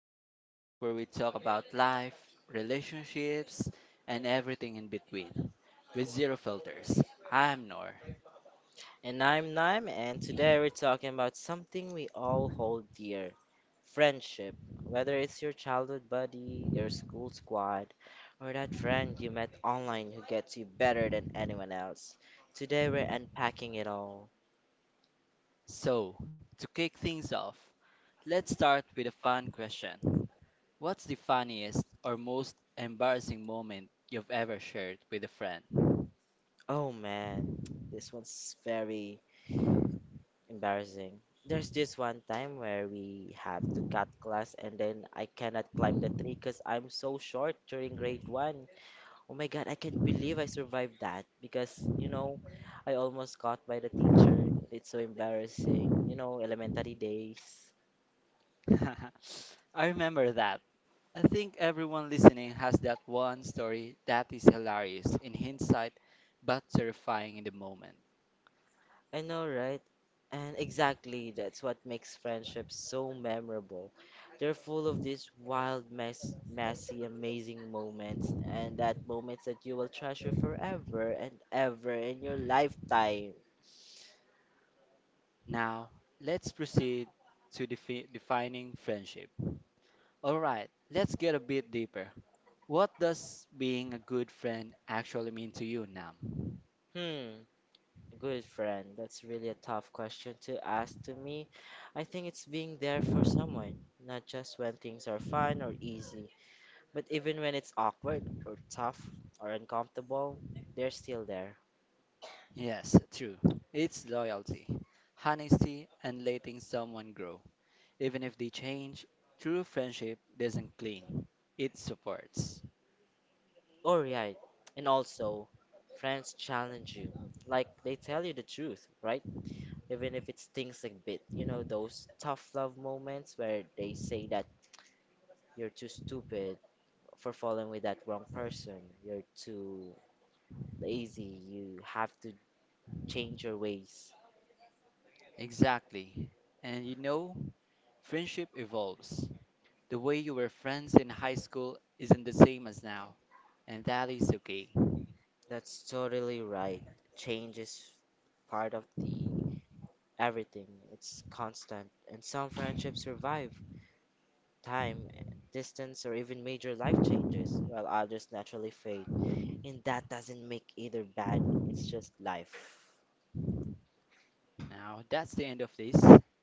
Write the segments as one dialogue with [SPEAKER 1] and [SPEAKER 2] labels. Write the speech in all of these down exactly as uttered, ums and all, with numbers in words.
[SPEAKER 1] the podcast where we talk about life, relationships, and everything in between with zero filters. I'm Nor.
[SPEAKER 2] And I'm Naim, and today we're talking about something we all hold dear friendship. Whether it's your childhood buddy, your school squad, or that friend you met online who gets you better than anyone else. Today we're unpacking it all.
[SPEAKER 1] So, to kick things off, let's start with a fun question. What's the funniest or most embarrassing moment you've ever shared with a friend?
[SPEAKER 2] Oh man, this one's very embarrassing. There's this one time where we have to cut class, and then I cannot climb the tree because I'm so short during grade one. Oh my God, I can't believe I survived that because, you know, I almost caught by the teacher. It's so embarrassing, you know, elementary days.
[SPEAKER 1] I remember that. I think everyone listening has that one story that is hilarious in hindsight but terrifying in the moment.
[SPEAKER 2] I know, right? And exactly, that's what makes friendships so memorable. They're full of these wild, mess, messy, amazing moments, and that moments that you will treasure forever and ever in your lifetime.
[SPEAKER 1] Now, let's proceed to defi- defining friendship. Alright, let's get a bit deeper. What does being a good friend actually mean to you, Nam?
[SPEAKER 2] Hmm. Good friend, that's really a tough question to ask to me. I think it's being there for someone, not just when things are fun or easy, but even when it's awkward or tough or uncomfortable, they're still there.
[SPEAKER 1] Yes, true. It's loyalty, honesty, and letting someone grow. Even if they change, true friendship doesn't cling, it supports.
[SPEAKER 2] Oh, right. And also, friends challenge you. Like, they tell you the truth, right? Even if it stings a bit. You know, those tough love moments where they say that you're too stupid for falling with that wrong person, you're too lazy, you have to change your ways.
[SPEAKER 1] Exactly. And you know, friendship evolves. The way you were friends in high school isn't the same as now, and that is okay.
[SPEAKER 2] That's totally right. Change is part of the everything. It's constant, and some friendships survive time, distance, or even major life changes, while others naturally fade. And that doesn't make either bad. It's just life.
[SPEAKER 1] Now, that's the end of this.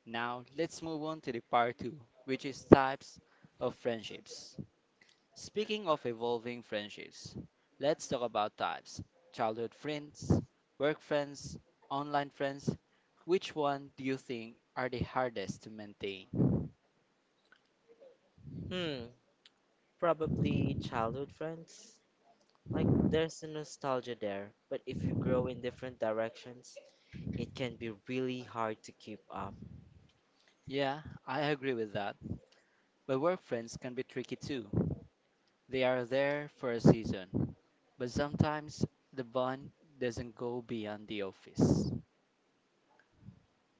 [SPEAKER 1] Now, let's move on to the part two, which is types of friendships. Speaking of evolving friendships, let's talk about types: childhood friends, work friends, online friends. Which one do you think are the hardest to maintain?
[SPEAKER 2] Hmm, probably childhood friends. Like there's a nostalgia there, but if you grow in different directions, it can be really hard to keep up.
[SPEAKER 1] Yeah, I agree with that. But work friends can be tricky too. They are there for a season, but sometimes the bond doesn't go beyond the office.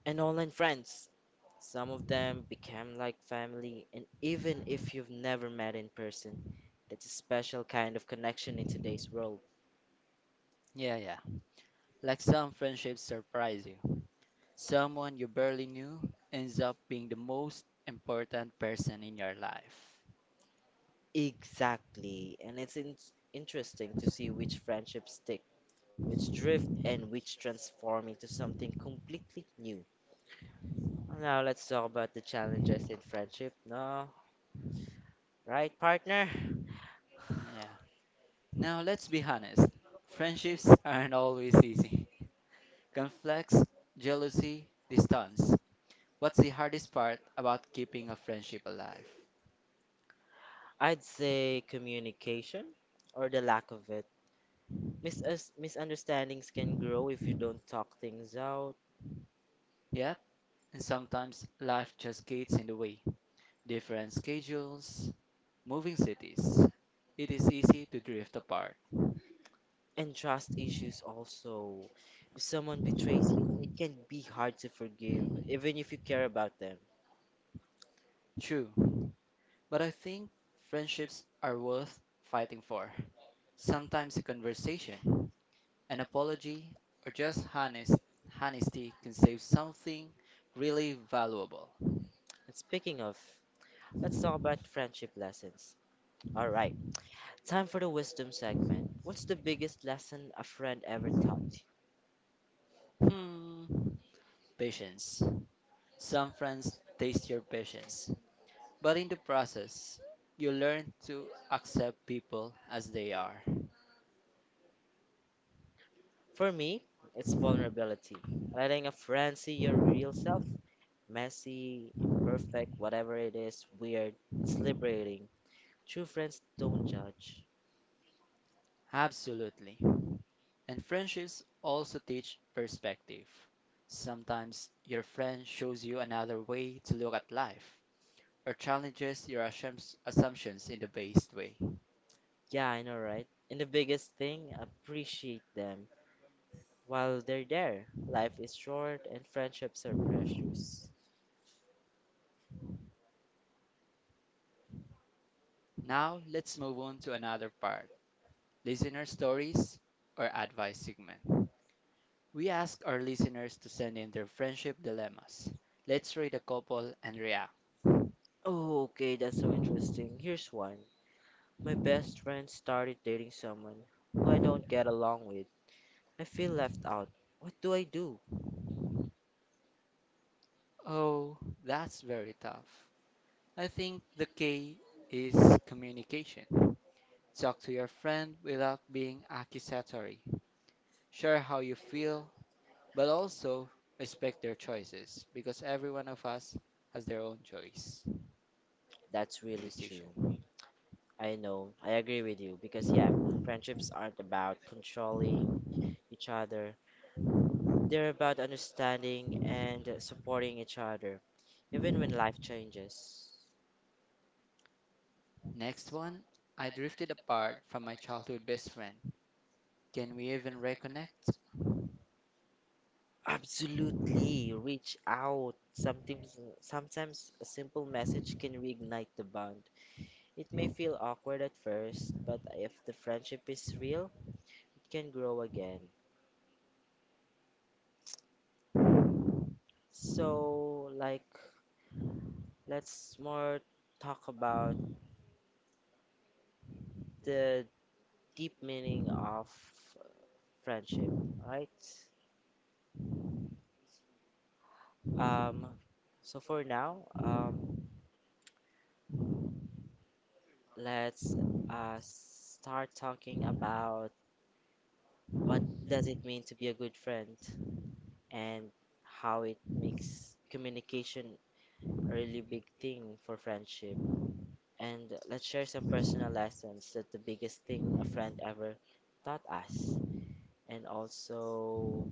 [SPEAKER 2] And online friends. Some of them became like family, and even if you've never met in person, that's a special kind of connection in today's world.
[SPEAKER 1] Yeah, yeah. Like some friendships surprise you. Someone you barely knew ends up being the most important person in your life.
[SPEAKER 2] Exactly, and it's in- interesting to see which friendships stick, which drift, and which transform into something completely new. Now, let's talk about the challenges in friendship. No, right, partner?
[SPEAKER 1] Yeah. Now, let's be honest. Friendships aren't always easy. Conflicts, jealousy, distance. What's the hardest part about keeping a friendship alive?
[SPEAKER 2] I'd say communication or the lack of it. Mis- misunderstandings can grow if you don't talk things out,
[SPEAKER 1] Yep, and sometimes life just gets in the way. Different schedules, moving cities. It is easy to drift apart,
[SPEAKER 2] and trust issues also. If someone betrays you, it can be hard to forgive, even if you care about them.
[SPEAKER 1] true, but I think friendships are worth fighting for. Sometimes a conversation, an apology, or just honest honesty can save something really valuable.
[SPEAKER 2] And speaking of, let's talk about friendship lessons. Alright, time for the wisdom segment. What's the biggest lesson a friend ever taught you?
[SPEAKER 1] Hmm, patience. Some friends taste your patience, but in the process, you learn to accept people as they are.
[SPEAKER 2] For me, it's vulnerability. Letting a friend see your real self, messy, imperfect, whatever it is, weird, it's liberating. True friends don't judge.
[SPEAKER 1] Absolutely. And friendships also teach perspective. Sometimes your friend shows you another way to look at life or challenges your assumps- assumptions in the best way.
[SPEAKER 2] Yeah, I know, right? And the biggest thing, appreciate them while they're there. Life is short and friendships are precious.
[SPEAKER 1] Now, let's move on to another part: listener stories or advice segment. We ask our listeners to send in their friendship dilemmas. Let's read a couple and react.
[SPEAKER 2] Oh, okay, that's so interesting. Here's one. My best friend started dating someone who I don't get along with. I feel left out. What do I do?
[SPEAKER 1] Oh, that's very tough. I think the K is communication. Talk to your friend without being accusatory. Share how you feel, but also respect their choices because every one of us has their own choice
[SPEAKER 2] That's
[SPEAKER 1] and
[SPEAKER 2] really true.
[SPEAKER 1] decision.
[SPEAKER 2] I know, I agree with you because, yeah, friendships aren't about controlling each other. They're about understanding and supporting each other, even when life changes.
[SPEAKER 1] Next one: I drifted apart from my childhood best friend. Can we even reconnect?
[SPEAKER 2] Absolutely, reach out. Sometimes, sometimes a simple message can reignite the bond. It may feel awkward at first, but if the friendship is real, it can grow again. So, like, let's more talk about the deep meaning of friendship, right? Um, so for now, um, Let's uh, start talking about what does it mean to be a good friend and how it makes communication a really big thing for friendship. And let's share some personal lessons that the biggest thing a friend ever taught us. And also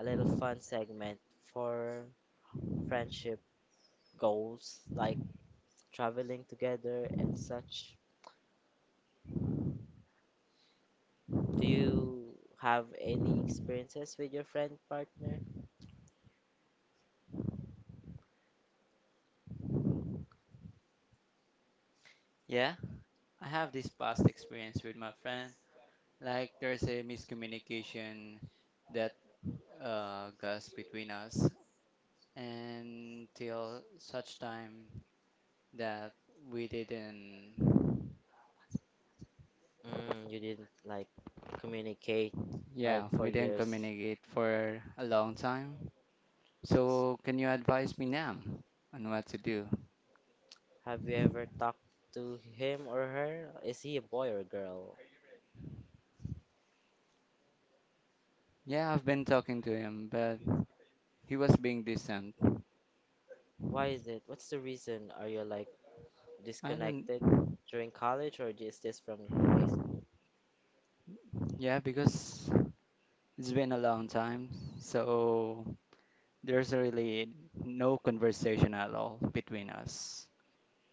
[SPEAKER 2] a little fun segment for friendship goals like traveling together and such. Do you have any experiences with your friend partner?
[SPEAKER 1] Yeah, I have this past experience with my friend. Like there's a miscommunication that uh, goes between us, until such time that we didn't,
[SPEAKER 2] Mm, you didn't like communicate. Yeah,
[SPEAKER 1] yeah,
[SPEAKER 2] like for
[SPEAKER 1] we didn't
[SPEAKER 2] years.
[SPEAKER 1] communicate for a long time. So, can you advise me now on what to do?
[SPEAKER 2] Have you ever talked to him or her? Is he a boy or a girl?
[SPEAKER 1] Yeah, I've been talking to him, but he was being distant.
[SPEAKER 2] Why is it? What's the reason? Are you like
[SPEAKER 1] I don't,
[SPEAKER 2] disconnected during college or is this from high school?
[SPEAKER 1] yeah, because it's been a long time, so there's really no conversation at all between us.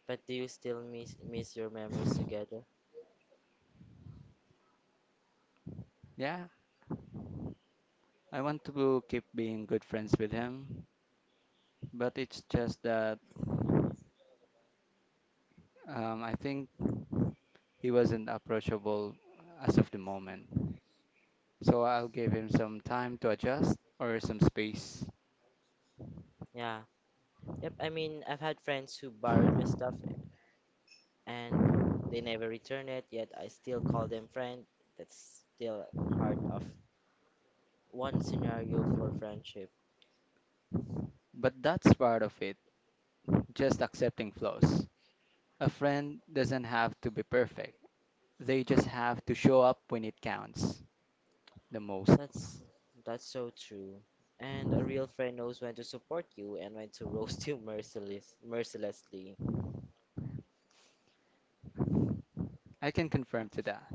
[SPEAKER 2] But do you still miss miss your memories together?
[SPEAKER 1] Yeah, I want to keep being good friends with him, but it's just that um, I think he wasn't approachable as of the moment. So I'll give him some time to adjust or some space.
[SPEAKER 2] Yeah. Yep, I mean, I've had friends who borrowed my stuff and they never return it, yet I still call them friend. That's still part of one scenario for friendship.
[SPEAKER 1] But that's part of it, just accepting flaws. A friend doesn't have to be perfect, they just have to show up when it counts the most.
[SPEAKER 2] That's that's so true. And a real friend knows when to support you and when to roast you merciless mercilessly.
[SPEAKER 1] I can confirm to that.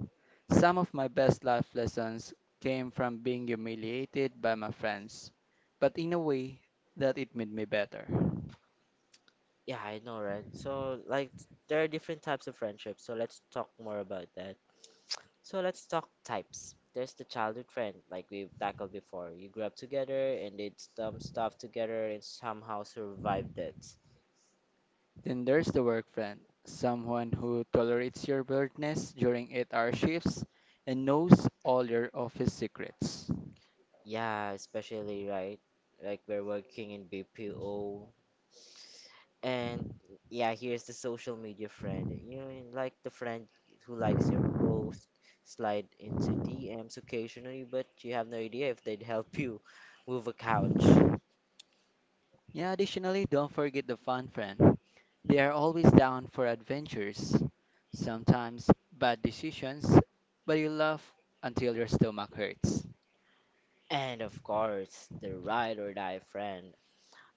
[SPEAKER 1] Some of my best life lessons came from being humiliated by my friends, but in a way that it made me better.
[SPEAKER 2] Yeah, I know, right? So like there are different types of friendships, so let's talk more about that. So let's talk types. There's the childhood friend, like we've tackled before. You grew up together and did dumb stuff together and somehow survived it.
[SPEAKER 1] Then there's the work friend, someone who tolerates your weirdness during eight-hour shifts and knows all your office secrets.
[SPEAKER 2] Yeah, especially right? Like we're working in B P O. And yeah, here's the social media friend. You know, like the friend who likes your post, slide into D Ms occasionally, but you have no idea if they'd help you move a couch.
[SPEAKER 1] Yeah, additionally, don't forget the fun friend. They are always down for adventures, sometimes bad decisions, but you laugh until your stomach hurts.
[SPEAKER 2] And of course, the ride or die friend.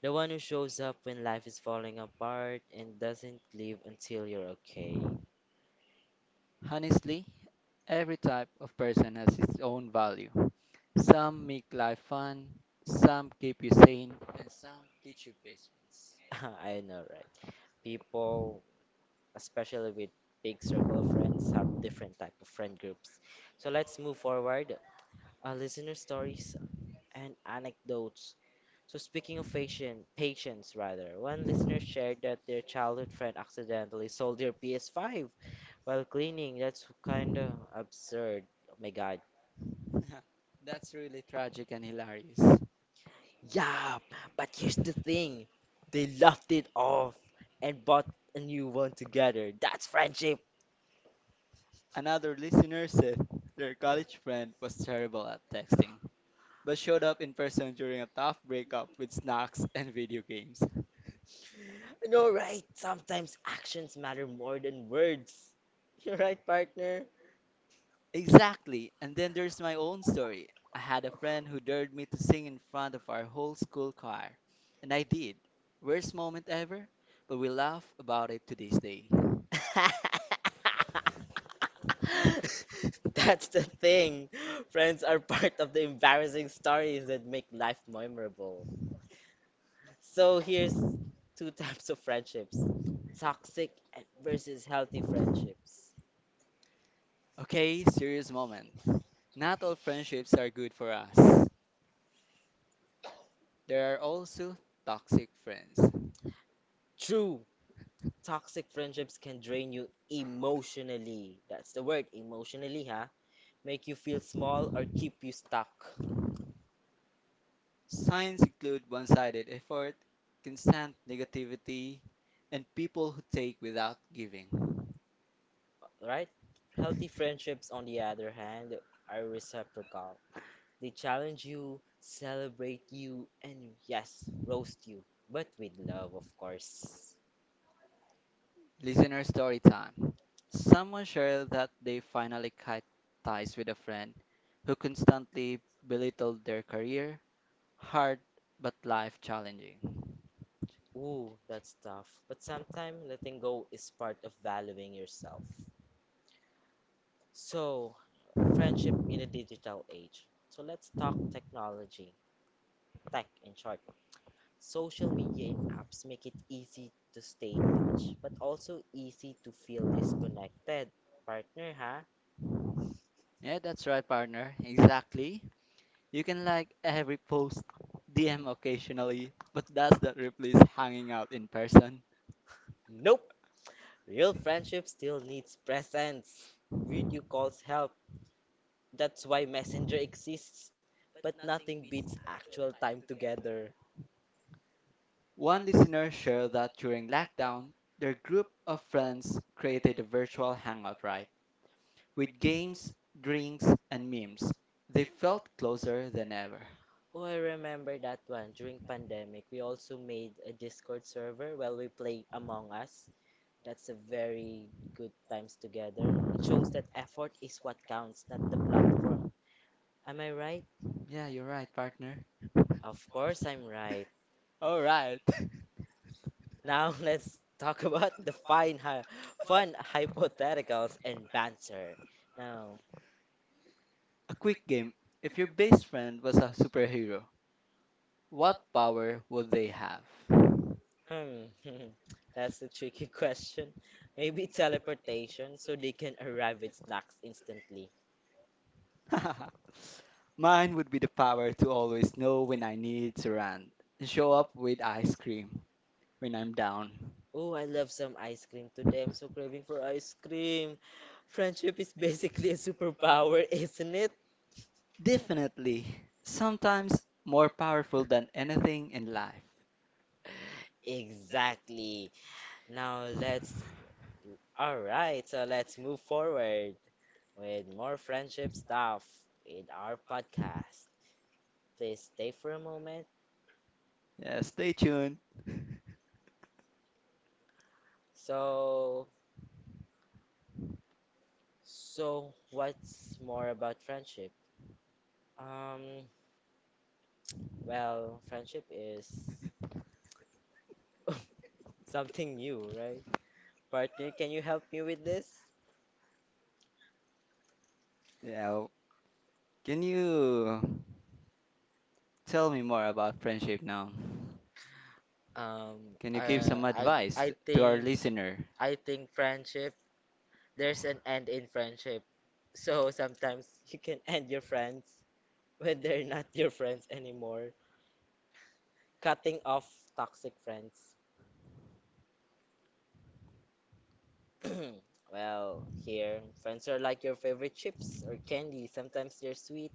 [SPEAKER 2] The one who shows up when life is falling apart and doesn't leave until you're okay.
[SPEAKER 1] Honestly, every type of person has its own value. Some make life fun, some keep you sane, and some teach you patience.
[SPEAKER 2] I know, right? People, especially with big circle of friends, have different type of friend groups. So let's move forward. Our listener stories and anecdotes. So speaking of patient, patience rather, one listener shared that their childhood friend accidentally sold their P S five while cleaning. That's kind of absurd. Oh my god.
[SPEAKER 1] That's really tragic and hilarious.
[SPEAKER 2] Yeah, but here's the thing. They left it off and bought a new one together. That's friendship.
[SPEAKER 1] Another listener said their college friend was terrible at texting, but showed up in person during a tough breakup with snacks and video games.
[SPEAKER 2] I know, right? Sometimes actions matter more than words. You're right, partner.
[SPEAKER 1] Exactly. And then there's my own story. I had a friend who dared me to sing in front of our whole school choir. And I did. Worst moment ever, but we laugh about it to this day.
[SPEAKER 2] That's the thing. Friends are part of the embarrassing stories that make life memorable. So here's two types of friendships. Toxic and versus healthy friendships.
[SPEAKER 1] Okay, serious moment. Not all friendships are good for us. There are also toxic friends.
[SPEAKER 2] True, toxic friendships can drain you emotionally. That's the word, emotionally, huh? Make you feel small or keep you stuck,
[SPEAKER 1] Signs include one sided effort, constant negativity, and people who take without giving.
[SPEAKER 2] right? Healthy friendships, on the other hand, are reciprocal. They challenge you, celebrate you, and yes, roast you, but with love, of course.
[SPEAKER 1] Listener story time. Someone shared that they finally cut ties with a friend who constantly belittled their career, hard but life challenging.
[SPEAKER 2] Ooh, that's tough, but sometimes letting go is part of valuing yourself. So, friendship in the digital age. So, let's talk technology, tech in short. Social media and apps make it easy to stay in touch, but also easy to feel disconnected. Partner, huh?
[SPEAKER 1] Yeah, that's right, partner. Exactly. You can like every post, D M occasionally, but that's not replace hanging out in person.
[SPEAKER 2] Nope. Real friendship still needs presence. Video calls help. That's why Messenger exists. But nothing beats actual time together.
[SPEAKER 1] One listener shared that during lockdown, their group of friends created a virtual hangout, right? With games, drinks, and memes, they felt closer than ever.
[SPEAKER 2] Oh, I remember that one. During pandemic, we also made a Discord server while we play Among Us. That's a very good times together. It shows that effort is what counts, not the platform. Am I right?
[SPEAKER 1] Yeah, you're right, partner.
[SPEAKER 2] Of course I'm right.
[SPEAKER 1] Alright.
[SPEAKER 2] Now let's talk about the fine, hy- fun hypotheticals and banter. Now,
[SPEAKER 1] A quick game. If your best friend was a superhero, what power would they have?
[SPEAKER 2] hmm, that's a tricky question. Maybe teleportation so they can arrive with snacks instantly.
[SPEAKER 1] Mine would be the power to always know when I need to run and show up with ice cream when I'm down.
[SPEAKER 2] Oh, I love some ice cream today. I'm so craving for ice cream. Friendship is basically a superpower, isn't it?
[SPEAKER 1] Definitely, sometimes more powerful than anything in life.
[SPEAKER 2] Exactly. Now let's. Alright, so let's move forward with more friendship stuff in our podcast. Please stay for a moment.
[SPEAKER 1] Yeah, stay tuned.
[SPEAKER 2] So, so what's more about friendship? Um, well, friendship is something new, right? Partner, can you help me with this?
[SPEAKER 1] Yeah, can you tell me more about friendship now.
[SPEAKER 2] Um,
[SPEAKER 1] Can you give
[SPEAKER 2] uh,
[SPEAKER 1] some
[SPEAKER 2] I
[SPEAKER 1] advice
[SPEAKER 2] I
[SPEAKER 1] to our
[SPEAKER 2] think
[SPEAKER 1] listener?
[SPEAKER 2] I think friendship, there's an end in friendship. So sometimes you can end your friends when they're not your friends anymore, cutting off toxic friends. Well, here, friends are like your favorite chips or candy. Sometimes they're sweet,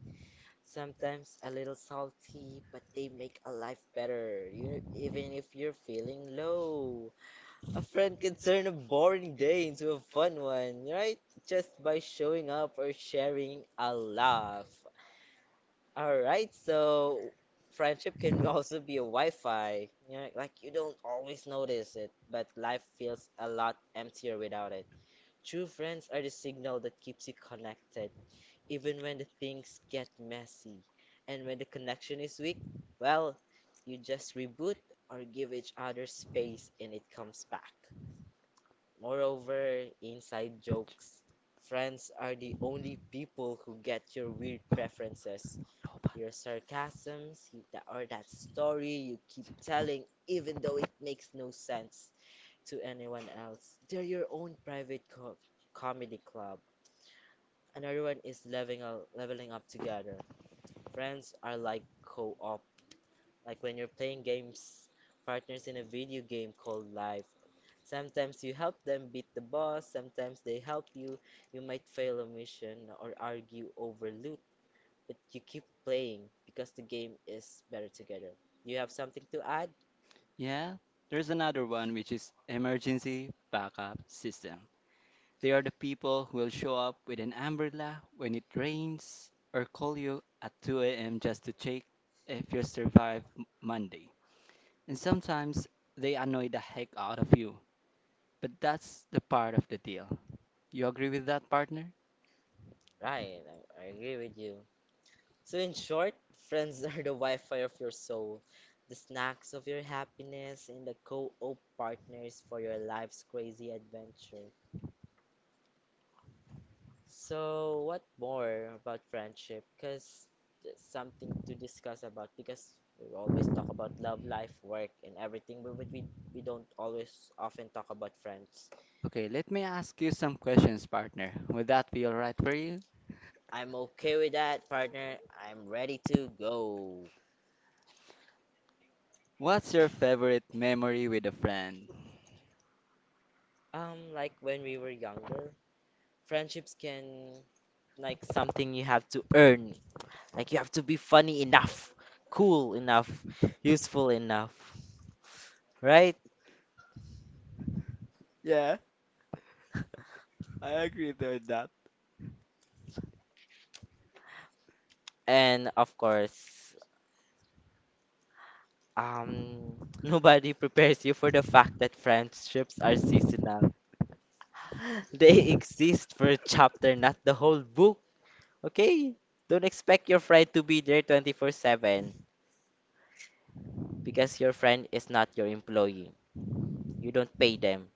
[SPEAKER 2] sometimes a little salty, but they make a life better, you, even if you're feeling low. A friend can turn a boring day into a fun one, right? Just by showing up or sharing a laugh. Alright, so friendship can also be a Wi-Fi. You know, like you don't always notice it, but life feels a lot emptier without it. True friends are the signal that keeps you connected, even when the things get messy. And when the connection is weak, well, you just reboot or give each other space and it comes back. Moreover, inside jokes, friends are the only people who get your weird preferences, your sarcasms, that, or that story you keep telling even though it makes no sense to anyone else. They're your own private co- comedy club and everyone is leveling up, leveling up together. Friends are like co-op, like when you're playing games partners in a video game called life. Sometimes you help them beat the boss, sometimes they help you. You might fail a mission or argue over loot, but you keep playing because the game is better together. You have something to add?
[SPEAKER 1] Yeah, there's another one, which is emergency backup system. They are the people who will show up with an umbrella when it rains or call you at two a m just to check if you survive M- Monday. And sometimes they annoy the heck out of you. But that's the part of the deal. You agree with that, partner?
[SPEAKER 2] Ryan, I, I agree with you. So, in short, friends are the Wi Fi of your soul, the snacks of your happiness, and the co op partners for your life's crazy adventure. So, what more about friendship? Because there's something to discuss about, because we always talk about love, life, work, and everything, but we, we don't always often talk about friends.
[SPEAKER 1] Okay, let me ask you some questions, partner. Would that be alright for you?
[SPEAKER 2] I'm okay with that, partner. I'm ready to go.
[SPEAKER 1] What's your favorite memory with a friend?
[SPEAKER 2] Um, like when we were younger, friendships can like something you have to earn. Like you have to be funny enough, cool enough, useful enough, right?
[SPEAKER 1] Yeah, I agree with that.
[SPEAKER 2] And of course, um, nobody prepares you for the fact that friendships are seasonal. They exist for a chapter, not the whole book. Okay? Don't expect your friend to be there twenty-four seven because your friend is not your employee. You don't pay them.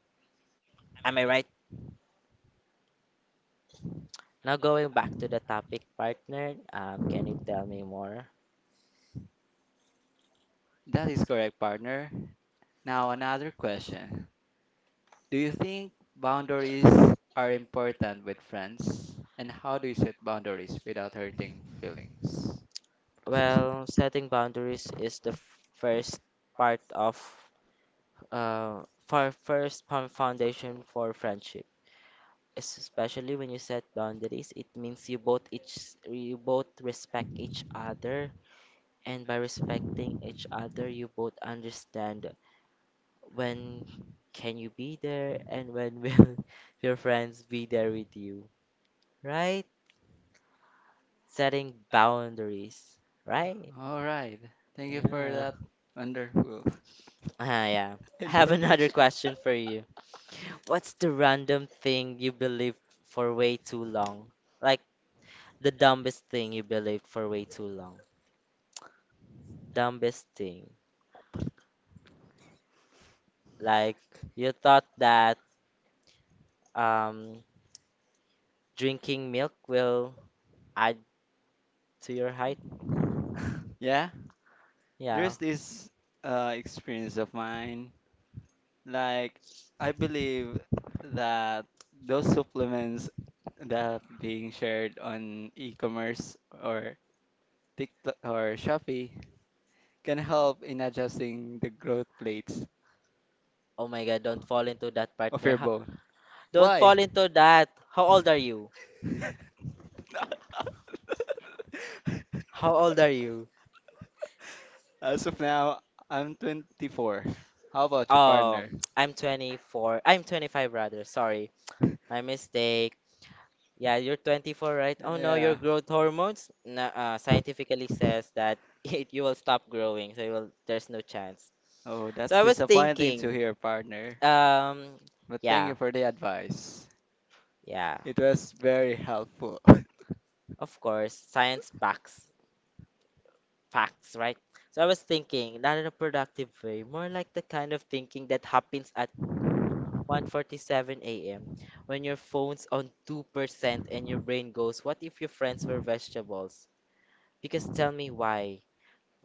[SPEAKER 2] Am I right? Now, going back to the topic, partner, um, can you tell me more?
[SPEAKER 1] That is correct, partner. Now, another question. Do you think boundaries are important with friends? And how do you set boundaries without hurting feelings? Process it.
[SPEAKER 2] Well, setting boundaries is the f- first part of uh for first fo- foundation for friendship. Es- Especially when you set boundaries, it means you both each you both respect each other, and by respecting each other, you both understand when can you be there and when will your friends be there with you, right? Setting boundaries, right?
[SPEAKER 1] All right. Thank you for
[SPEAKER 2] Yeah.
[SPEAKER 1] that wonderful
[SPEAKER 2] Ah, yeah. I have another
[SPEAKER 1] information.
[SPEAKER 2] question for you. What's the random thing you believed for way too long? Like the dumbest thing you believed for way too long. Dumbest thing. Like you thought that um drinking milk will add to your height.
[SPEAKER 1] Yeah, there's
[SPEAKER 2] Yeah.
[SPEAKER 1] this uh, experience of mine. Like, I believe that those supplements that being shared on e-commerce or TikTok or Shopee can help in adjusting the growth plates
[SPEAKER 2] Oh my God, don't fall into that
[SPEAKER 1] of
[SPEAKER 2] partner.
[SPEAKER 1] your
[SPEAKER 2] Ha-
[SPEAKER 1] bone.
[SPEAKER 2] Don't
[SPEAKER 1] Why?
[SPEAKER 2] fall into that. How old are you? How old are you?
[SPEAKER 1] As of now, I'm twenty-four. How about your
[SPEAKER 2] Um,
[SPEAKER 1] partner?
[SPEAKER 2] I'm twenty-four. I'm twenty-five rather. Sorry, my mistake. Yeah, you're twenty-four, right? Oh no, your
[SPEAKER 1] Yeah.
[SPEAKER 2] growth hormones nah, uh, scientifically says that it, you will stop growing, so you will, there's no chance.
[SPEAKER 1] Oh,
[SPEAKER 2] So
[SPEAKER 1] that's
[SPEAKER 2] I was
[SPEAKER 1] disappointing to
[SPEAKER 2] thinking,
[SPEAKER 1] hear, partner.
[SPEAKER 2] um,
[SPEAKER 1] But thank
[SPEAKER 2] yeah,
[SPEAKER 1] you for the advice.
[SPEAKER 2] yeah,
[SPEAKER 1] It was very helpful.
[SPEAKER 2] of course, science backs facts, right? So I was thinking, not in a productive way, more like the kind of thinking that happens at one forty-seven a m when your phone's on two percent and your brain goes, "What if your friends were vegetables?" Because tell me why.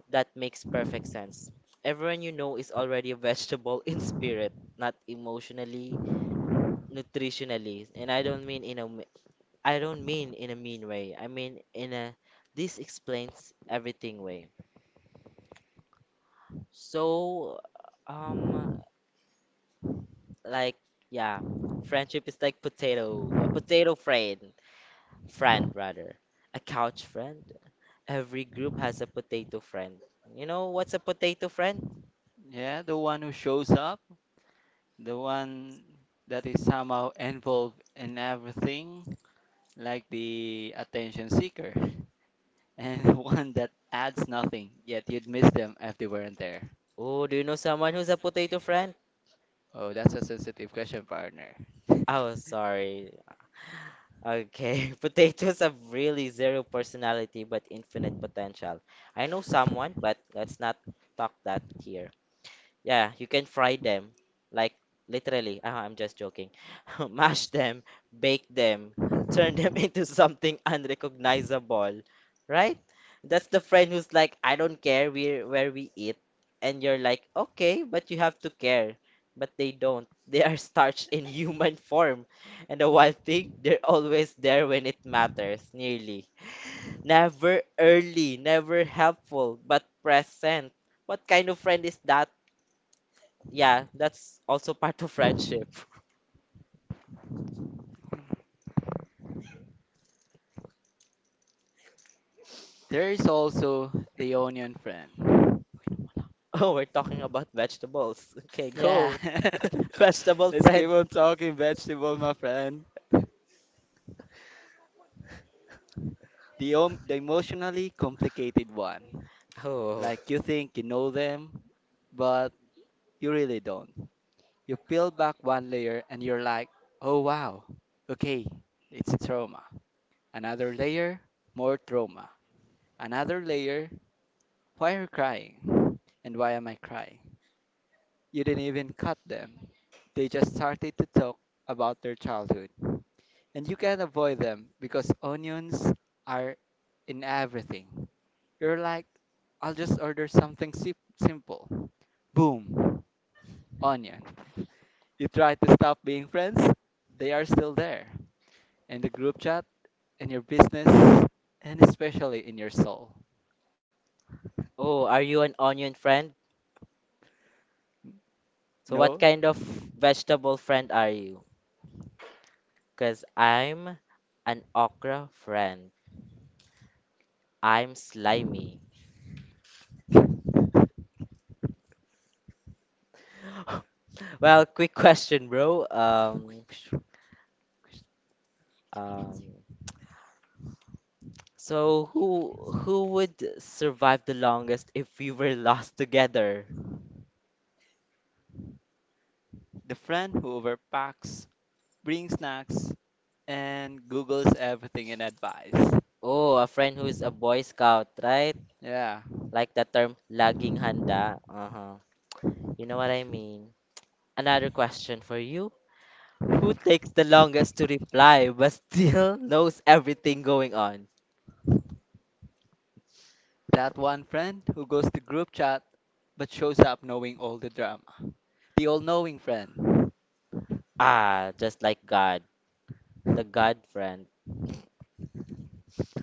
[SPEAKER 2] That makes perfect sense. Everyone you know is already a vegetable in spirit, not emotionally, nutritionally, and I don't mean in a m- I don't mean in a mean way. I mean in a this explains everything way. So um like yeah, friendship is like potato, a potato friend, friend rather, a couch friend. Every group has a potato friend. You know what's a potato friend?
[SPEAKER 1] Yeah, the one who shows up, the one that is somehow involved in everything, like the attention seeker, and the one that adds nothing, yet you'd miss them if they weren't there.
[SPEAKER 2] Oh, do you know someone who's a potato friend?
[SPEAKER 1] Oh, that's a sensitive question, partner. Ako
[SPEAKER 2] Oh sorry. Okay. Potatoes have really zero personality but infinite potential. I know someone but let's not talk that here. Yeah, you can fry them. Like literally. Uh, I'm just joking. Mash them, bake them, turn them into something unrecognizable. Right? That's the friend who's like, I don't care where where we eat. And you're like, okay, but you have to care. But they don't. They are starched in human form. And the one thing, they're always there when it matters, nearly. Never early, never helpful, but present. What kind of friend is that? Yeah, that's also part of friendship.
[SPEAKER 1] naman. There is also the onion friend.
[SPEAKER 2] Oh, we're talking about vegetables. Okay,
[SPEAKER 1] Yeah.
[SPEAKER 2] go. Vegetable
[SPEAKER 1] Let's
[SPEAKER 2] friend.
[SPEAKER 1] keep on talking vegetable, my friend. The, om- the emotionally complicated one.
[SPEAKER 2] Oh.
[SPEAKER 1] Like you think you know them, but you really don't. You peel back one layer and you're like, oh wow, okay, it's a trauma. Another layer, more trauma. Another layer, why are you crying? And why am I crying? You didn't even cut them. They just started to talk about their childhood. And you can't avoid them because onions are in everything. You're like, I'll just order something sim- simple. Boom, onion. You try to stop being friends, they are still there. In the group chat, in your business, and especially in your soul.
[SPEAKER 2] Oh, are you an onion friend? So what
[SPEAKER 1] No?
[SPEAKER 2] kind of vegetable friend are you? Because 'Cause I'm an okra friend. I'm slimy. Well, quick question, bro. Um, um, so who who would survive the longest if we were lost together?
[SPEAKER 1] The friend who overpacks, brings snacks, and Googles everything in advice.
[SPEAKER 2] Oh, a friend who's a Boy Scout, right?
[SPEAKER 1] Yeah,
[SPEAKER 2] Like the term laging handa. Uh-huh. You know what I mean. Another question for you. Who takes the longest to reply but still knows everything going on?
[SPEAKER 1] that one friend who goes to group chat but shows up knowing all the drama. The all knowing friend.
[SPEAKER 2] Ah, just like God, the God friend.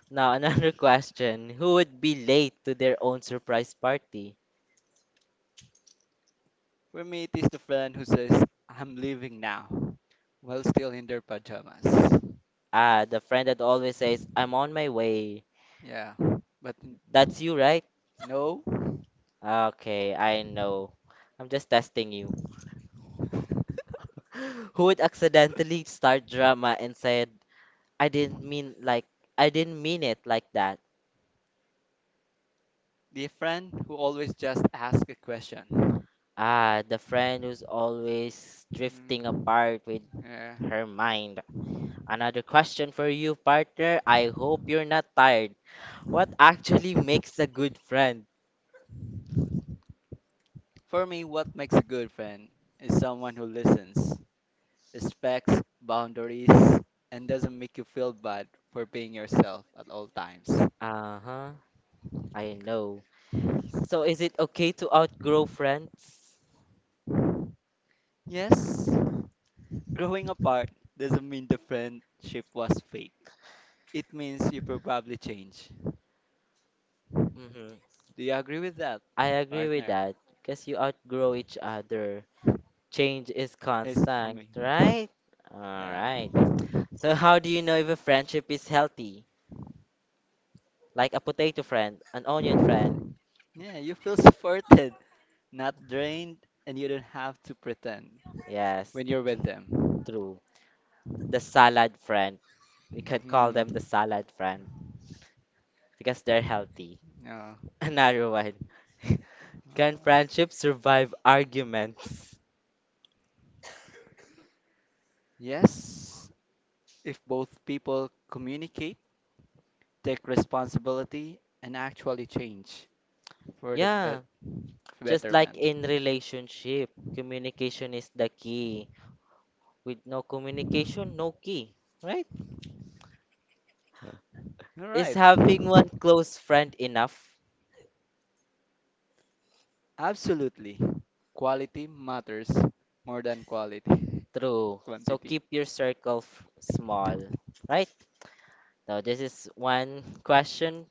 [SPEAKER 2] Now, another question. Who would be late to their own surprise party?
[SPEAKER 1] For me, it is the friend who says, I'm leaving now, while still in their pajamas.
[SPEAKER 2] Ah, the friend that always says, I'm on my way.
[SPEAKER 1] Yeah, but n-
[SPEAKER 2] That's you, right?
[SPEAKER 1] no,
[SPEAKER 2] Okay, I know. I'm just testing you. Who would accidentally start drama and said, I didn't mean like I didn't mean it like that.
[SPEAKER 1] the friend who always just asks a question.
[SPEAKER 2] Ah, the friend who's always drifting
[SPEAKER 1] Mm,
[SPEAKER 2] apart with
[SPEAKER 1] yeah.
[SPEAKER 2] her mind. Another question for you, partner. I hope you're not tired. What actually makes a good friend?
[SPEAKER 1] For me, what makes a good friend is someone who listens, respects boundaries, and doesn't make you feel bad for being yourself at all times.
[SPEAKER 2] Uh-huh. I know. So is it okay to outgrow friends?
[SPEAKER 1] Yes, growing apart doesn't mean the friendship was fake. It means you probably change.
[SPEAKER 2] Mm-hmm.
[SPEAKER 1] Do you agree with that,
[SPEAKER 2] I agree with
[SPEAKER 1] partner?
[SPEAKER 2] that. Because you outgrow each other. Change is
[SPEAKER 1] Is
[SPEAKER 2] constant,
[SPEAKER 1] coming.
[SPEAKER 2] right? All
[SPEAKER 1] Yeah.
[SPEAKER 2] right. So how do you know if a friendship is healthy? Like a potato friend, an onion friend.
[SPEAKER 1] Yeah, you feel supported, not drained, and you don't have to pretend
[SPEAKER 2] Yes,
[SPEAKER 1] when you're with them.
[SPEAKER 2] true. The salad friend. We can call
[SPEAKER 1] Hmm.
[SPEAKER 2] them the salad friend because they're healthy.
[SPEAKER 1] Yeah.
[SPEAKER 2] Another one. Can friendship survive arguments?
[SPEAKER 1] Yes, if both people communicate, take responsibility, and actually change for the bet
[SPEAKER 2] Yeah, just like
[SPEAKER 1] betterment.
[SPEAKER 2] in relationship, communication is the key. With no communication, no key, right?
[SPEAKER 1] All
[SPEAKER 2] Is
[SPEAKER 1] right.
[SPEAKER 2] having one close friend enough?
[SPEAKER 1] Absolutely. Quality matters more than quality.
[SPEAKER 2] True. So
[SPEAKER 1] Quantity.
[SPEAKER 2] keep your circle f- small, right? So this is one question.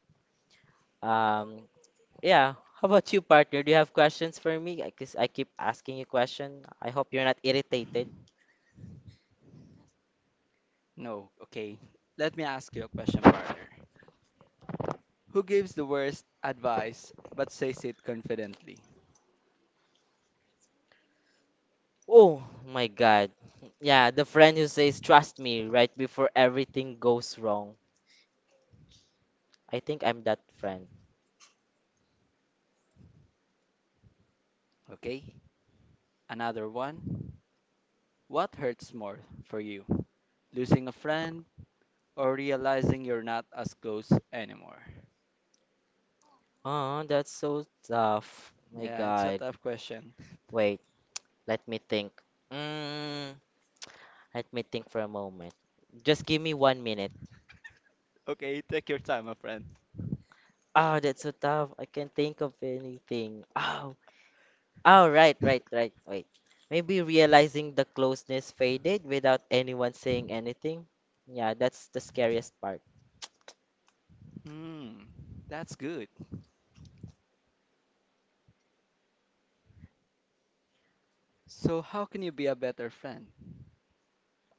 [SPEAKER 2] Um, yeah. How about you, partner? Do you have questions for me? I guess I keep asking you question. I hope you're not irritated.
[SPEAKER 1] No, okay. Let me ask you a question, partner. Who gives the worst advice but says it confidently?
[SPEAKER 2] Oh my God. Yeah, the friend who says, "Trust me," right before everything goes wrong. I think I'm that friend.
[SPEAKER 1] Okay, another one. What hurts more for you? Losing a friend or realizing you're not as close anymore?
[SPEAKER 2] Oh, that's so tough. My
[SPEAKER 1] Yeah, it's a
[SPEAKER 2] God.
[SPEAKER 1] tough question.
[SPEAKER 2] Wait, let me think. Mm, let me think for a moment. Just give me one minute.
[SPEAKER 1] Okay, take your time, my friend.
[SPEAKER 2] Oh, that's so tough. I can't think of anything. Ah, oh, right, right, right. Wait. Maybe realizing the closeness faded without anyone saying anything. Yeah, that's the scariest part.
[SPEAKER 1] Hmm, that's good. So, how can you be a better friend?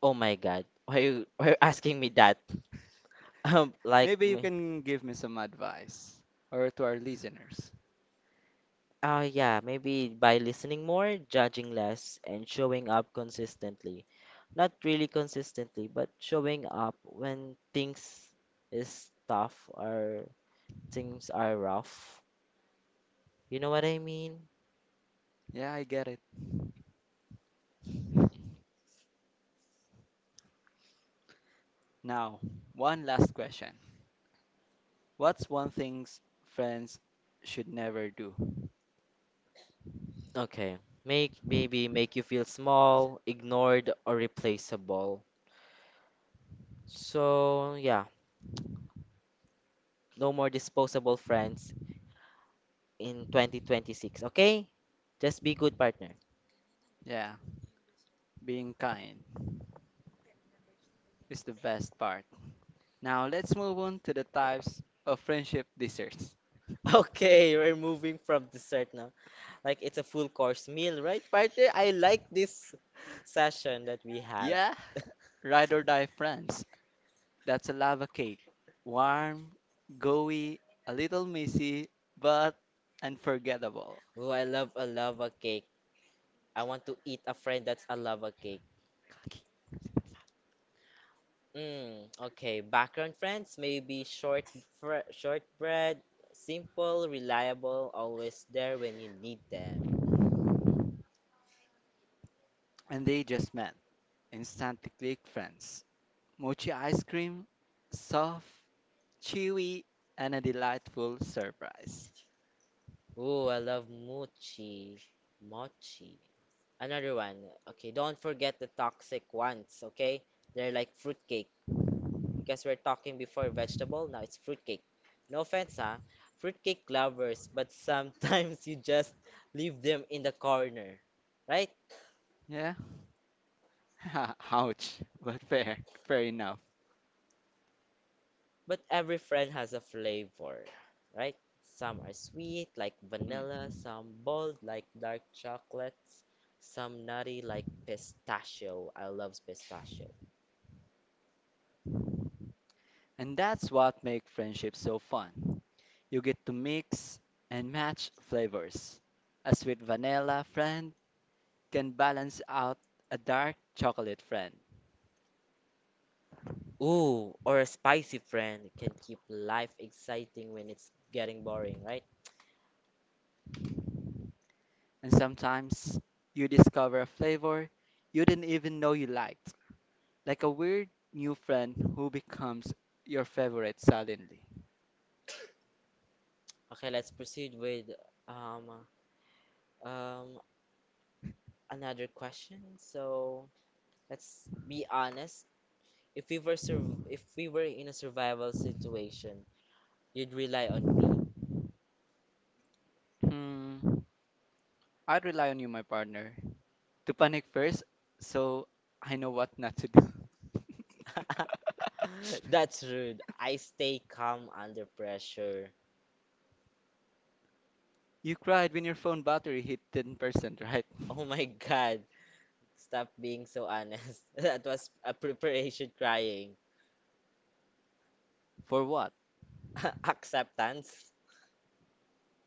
[SPEAKER 2] Oh my God. Why you why you asking me that? Um, like
[SPEAKER 1] Maybe you
[SPEAKER 2] me.
[SPEAKER 1] can give me some advice or to our listeners.
[SPEAKER 2] Oh yeah, maybe by listening more, judging less, and showing up consistently. Not really consistently, but showing up when things is tough or things are rough. You know what I mean?
[SPEAKER 1] Yeah, I get it. Now, one last question. What's one thing s- friends should never do?
[SPEAKER 2] Okay. Make maybe make you feel small, ignored, or replaceable. So, yeah, no more disposable friends in twenty twenty-six, okay? Just be good partner.
[SPEAKER 1] Yeah, being kind is the best part. Now let's move on to the types of friendship desserts.
[SPEAKER 2] Okay, we're moving from dessert now. Like it's a full course meal, right, partner? I like this session that we had.
[SPEAKER 1] Yeah, ride or die friends. That's a lava cake. Warm, gooey, a little messy, but unforgettable.
[SPEAKER 2] Oh, I love a lava cake. I want to eat a friend that's a lava cake. Mm, okay, background friends may be short, fr shortbread, simple, reliable, always there when you need them.
[SPEAKER 1] And they just met. Instantly click friends. Mochi ice cream, soft, chewy, and a delightful surprise.
[SPEAKER 2] Ooh, I love mochi, mochi. Another one. Okay, don't forget the toxic ones. Okay, they're like fruitcake because we're talking before vegetable. Now it's fruitcake. No offense, huh? Fruitcake lovers, but sometimes you just leave them in the corner, right?
[SPEAKER 1] Yeah? Ouch, but fair, fair enough.
[SPEAKER 2] But every friend has a flavor, right? Some are sweet, like vanilla,
[SPEAKER 1] Mm.
[SPEAKER 2] some bold, like dark chocolates, some nutty, like pistachio. I love pistachio.
[SPEAKER 1] And that's what makes friendship so fun. You get to mix and match flavors. A sweet vanilla friend can balance out a dark chocolate friend.
[SPEAKER 2] Ooh, or a spicy friend can keep life exciting when it's getting boring, right?
[SPEAKER 1] And sometimes you discover a flavor you didn't even know you liked. Like a weird new friend who becomes your favorite suddenly.
[SPEAKER 2] Okay, let's proceed with um um another question. So let's be honest. If we were surv- if we were in a survival situation, you'd rely on me.
[SPEAKER 1] Hmm, I'd rely on you, my partner, to panic first so I know what not to do.
[SPEAKER 2] That's rude. I stay calm under pressure.
[SPEAKER 1] You cried when your phone battery hit ten percent, right?
[SPEAKER 2] Oh my God. Stop being so honest. That was a preparation crying.
[SPEAKER 1] For what?
[SPEAKER 2] Acceptance?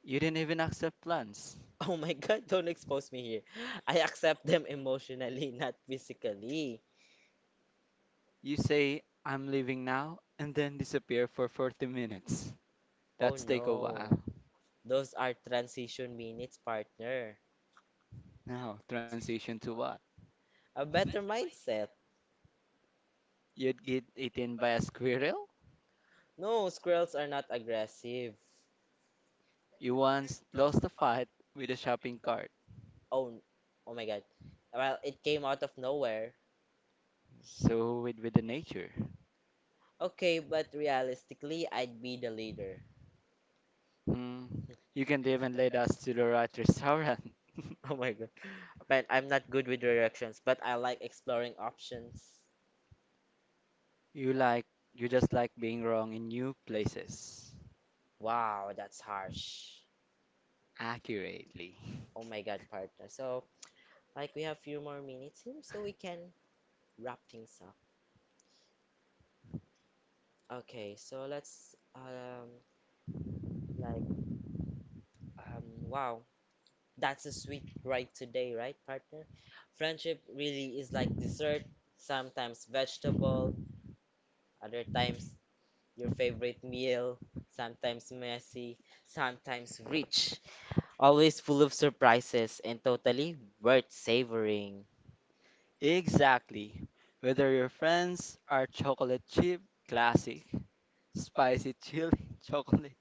[SPEAKER 1] You didn't even accept plans.
[SPEAKER 2] Oh my God, don't expose me here. I accept them emotionally, not physically.
[SPEAKER 1] You say, I'm leaving now, and then disappear for forty minutes.
[SPEAKER 2] Oh
[SPEAKER 1] That's take a
[SPEAKER 2] no.
[SPEAKER 1] while.
[SPEAKER 2] Those are transition minutes, partner.
[SPEAKER 1] Now, transition to what?
[SPEAKER 2] A better mindset.
[SPEAKER 1] You'd get eaten by a squirrel?
[SPEAKER 2] No, squirrels are not aggressive.
[SPEAKER 1] You once lost a fight with a shopping cart.
[SPEAKER 2] Oh, oh my God. Well, it came out of nowhere.
[SPEAKER 1] So with with the nature.
[SPEAKER 2] Okay, but realistically, I'd be the leader.
[SPEAKER 1] Hmm. You can even lead us to the right restaurant.
[SPEAKER 2] Oh my god. Man, I'm not good with directions, but I like exploring options.
[SPEAKER 1] You like you just like being wrong in new places.
[SPEAKER 2] Wow, that's harsh.
[SPEAKER 1] Accurately.
[SPEAKER 2] Oh my god, partner. So, like we have few more minutes here so we can wrap things up. Okay, so let's um like um wow, that's a sweet ride today, right, partner? Friendship really is like dessert, sometimes vegetable, other times your favorite meal, sometimes messy, sometimes rich, always full of surprises and totally worth savoring.
[SPEAKER 1] Exactly. Whether your friends are chocolate chip, classic, spicy chili, chocolate,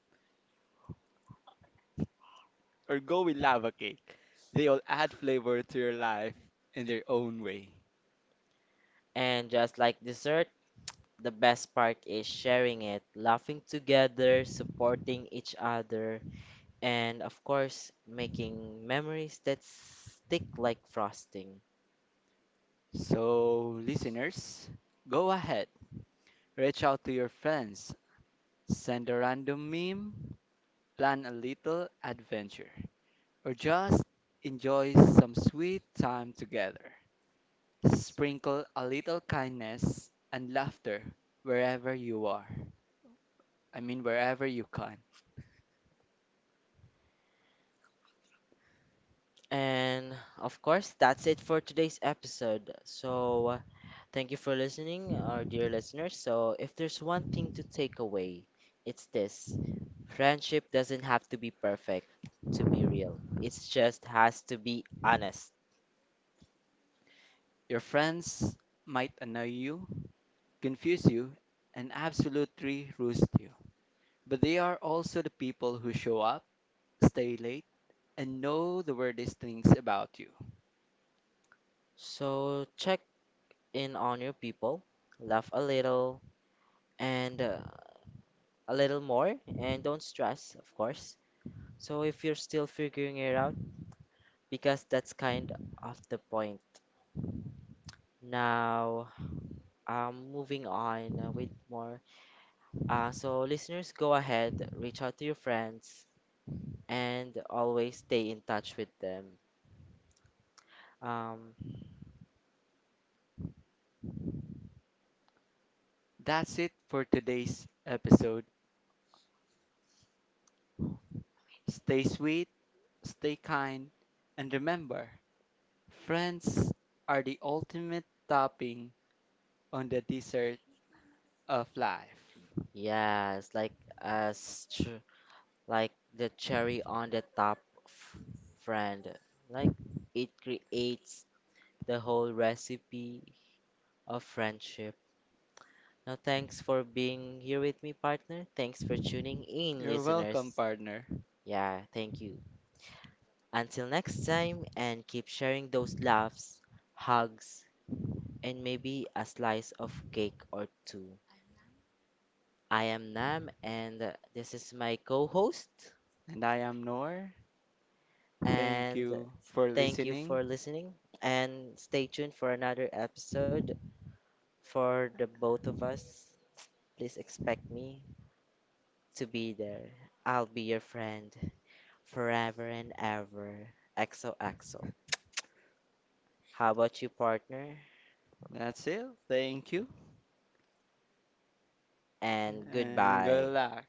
[SPEAKER 1] or go with lava cake, they all add flavor to your life in their own way.
[SPEAKER 2] And just like dessert, the best part is sharing it, laughing together, supporting each other, and of course, making memories that stick like frosting.
[SPEAKER 1] So, listeners, go ahead, reach out to your friends, send a random meme, plan a little adventure, or just enjoy some sweet time together. Sprinkle a little kindness and laughter wherever you are. I mean, wherever you can.
[SPEAKER 2] And of course, that's it for today's episode. So, uh, thank you for listening, our dear listeners. So, if there's one thing to take away, it's this: friendship doesn't have to be perfect to be real, it just has to be honest.
[SPEAKER 1] Your friends might annoy you, confuse you, and absolutely roast you. But they are also the people who show up, stay late, and know the weirdest things about you.
[SPEAKER 2] So, check in on your people, laugh a little, and uh, a little more, and don't stress, of course. So, if you're still figuring it out, because that's kind of the point. Now, um, moving on uh, with more. Uh, so, listeners, go ahead, reach out to your friends, and always stay in touch with them. Um,
[SPEAKER 1] That's it for today's episode. Stay sweet, stay kind, and remember, friends are the ultimate topping on the dessert of life.
[SPEAKER 2] yes, like as ch- like the cherry on the top f- friend, like it creates the whole recipe of friendship. Now, thanks for being here with me, partner. Thanks for tuning in,
[SPEAKER 1] You're welcome,
[SPEAKER 2] listeners.
[SPEAKER 1] partner.
[SPEAKER 2] Yeah, thank you. Until next time, and keep sharing those laughs, hugs, and maybe a slice of cake or two. I am Nam, and this is my co host.
[SPEAKER 1] And I am Noor. Thank
[SPEAKER 2] And
[SPEAKER 1] you for
[SPEAKER 2] thank you
[SPEAKER 1] listening.
[SPEAKER 2] for listening. And stay tuned for another episode for the both of us. Please expect me to be there. I'll be your friend forever and ever. X O X O. How about you, partner?
[SPEAKER 1] That's it. Thank you.
[SPEAKER 2] And
[SPEAKER 1] And
[SPEAKER 2] goodbye.
[SPEAKER 1] good luck.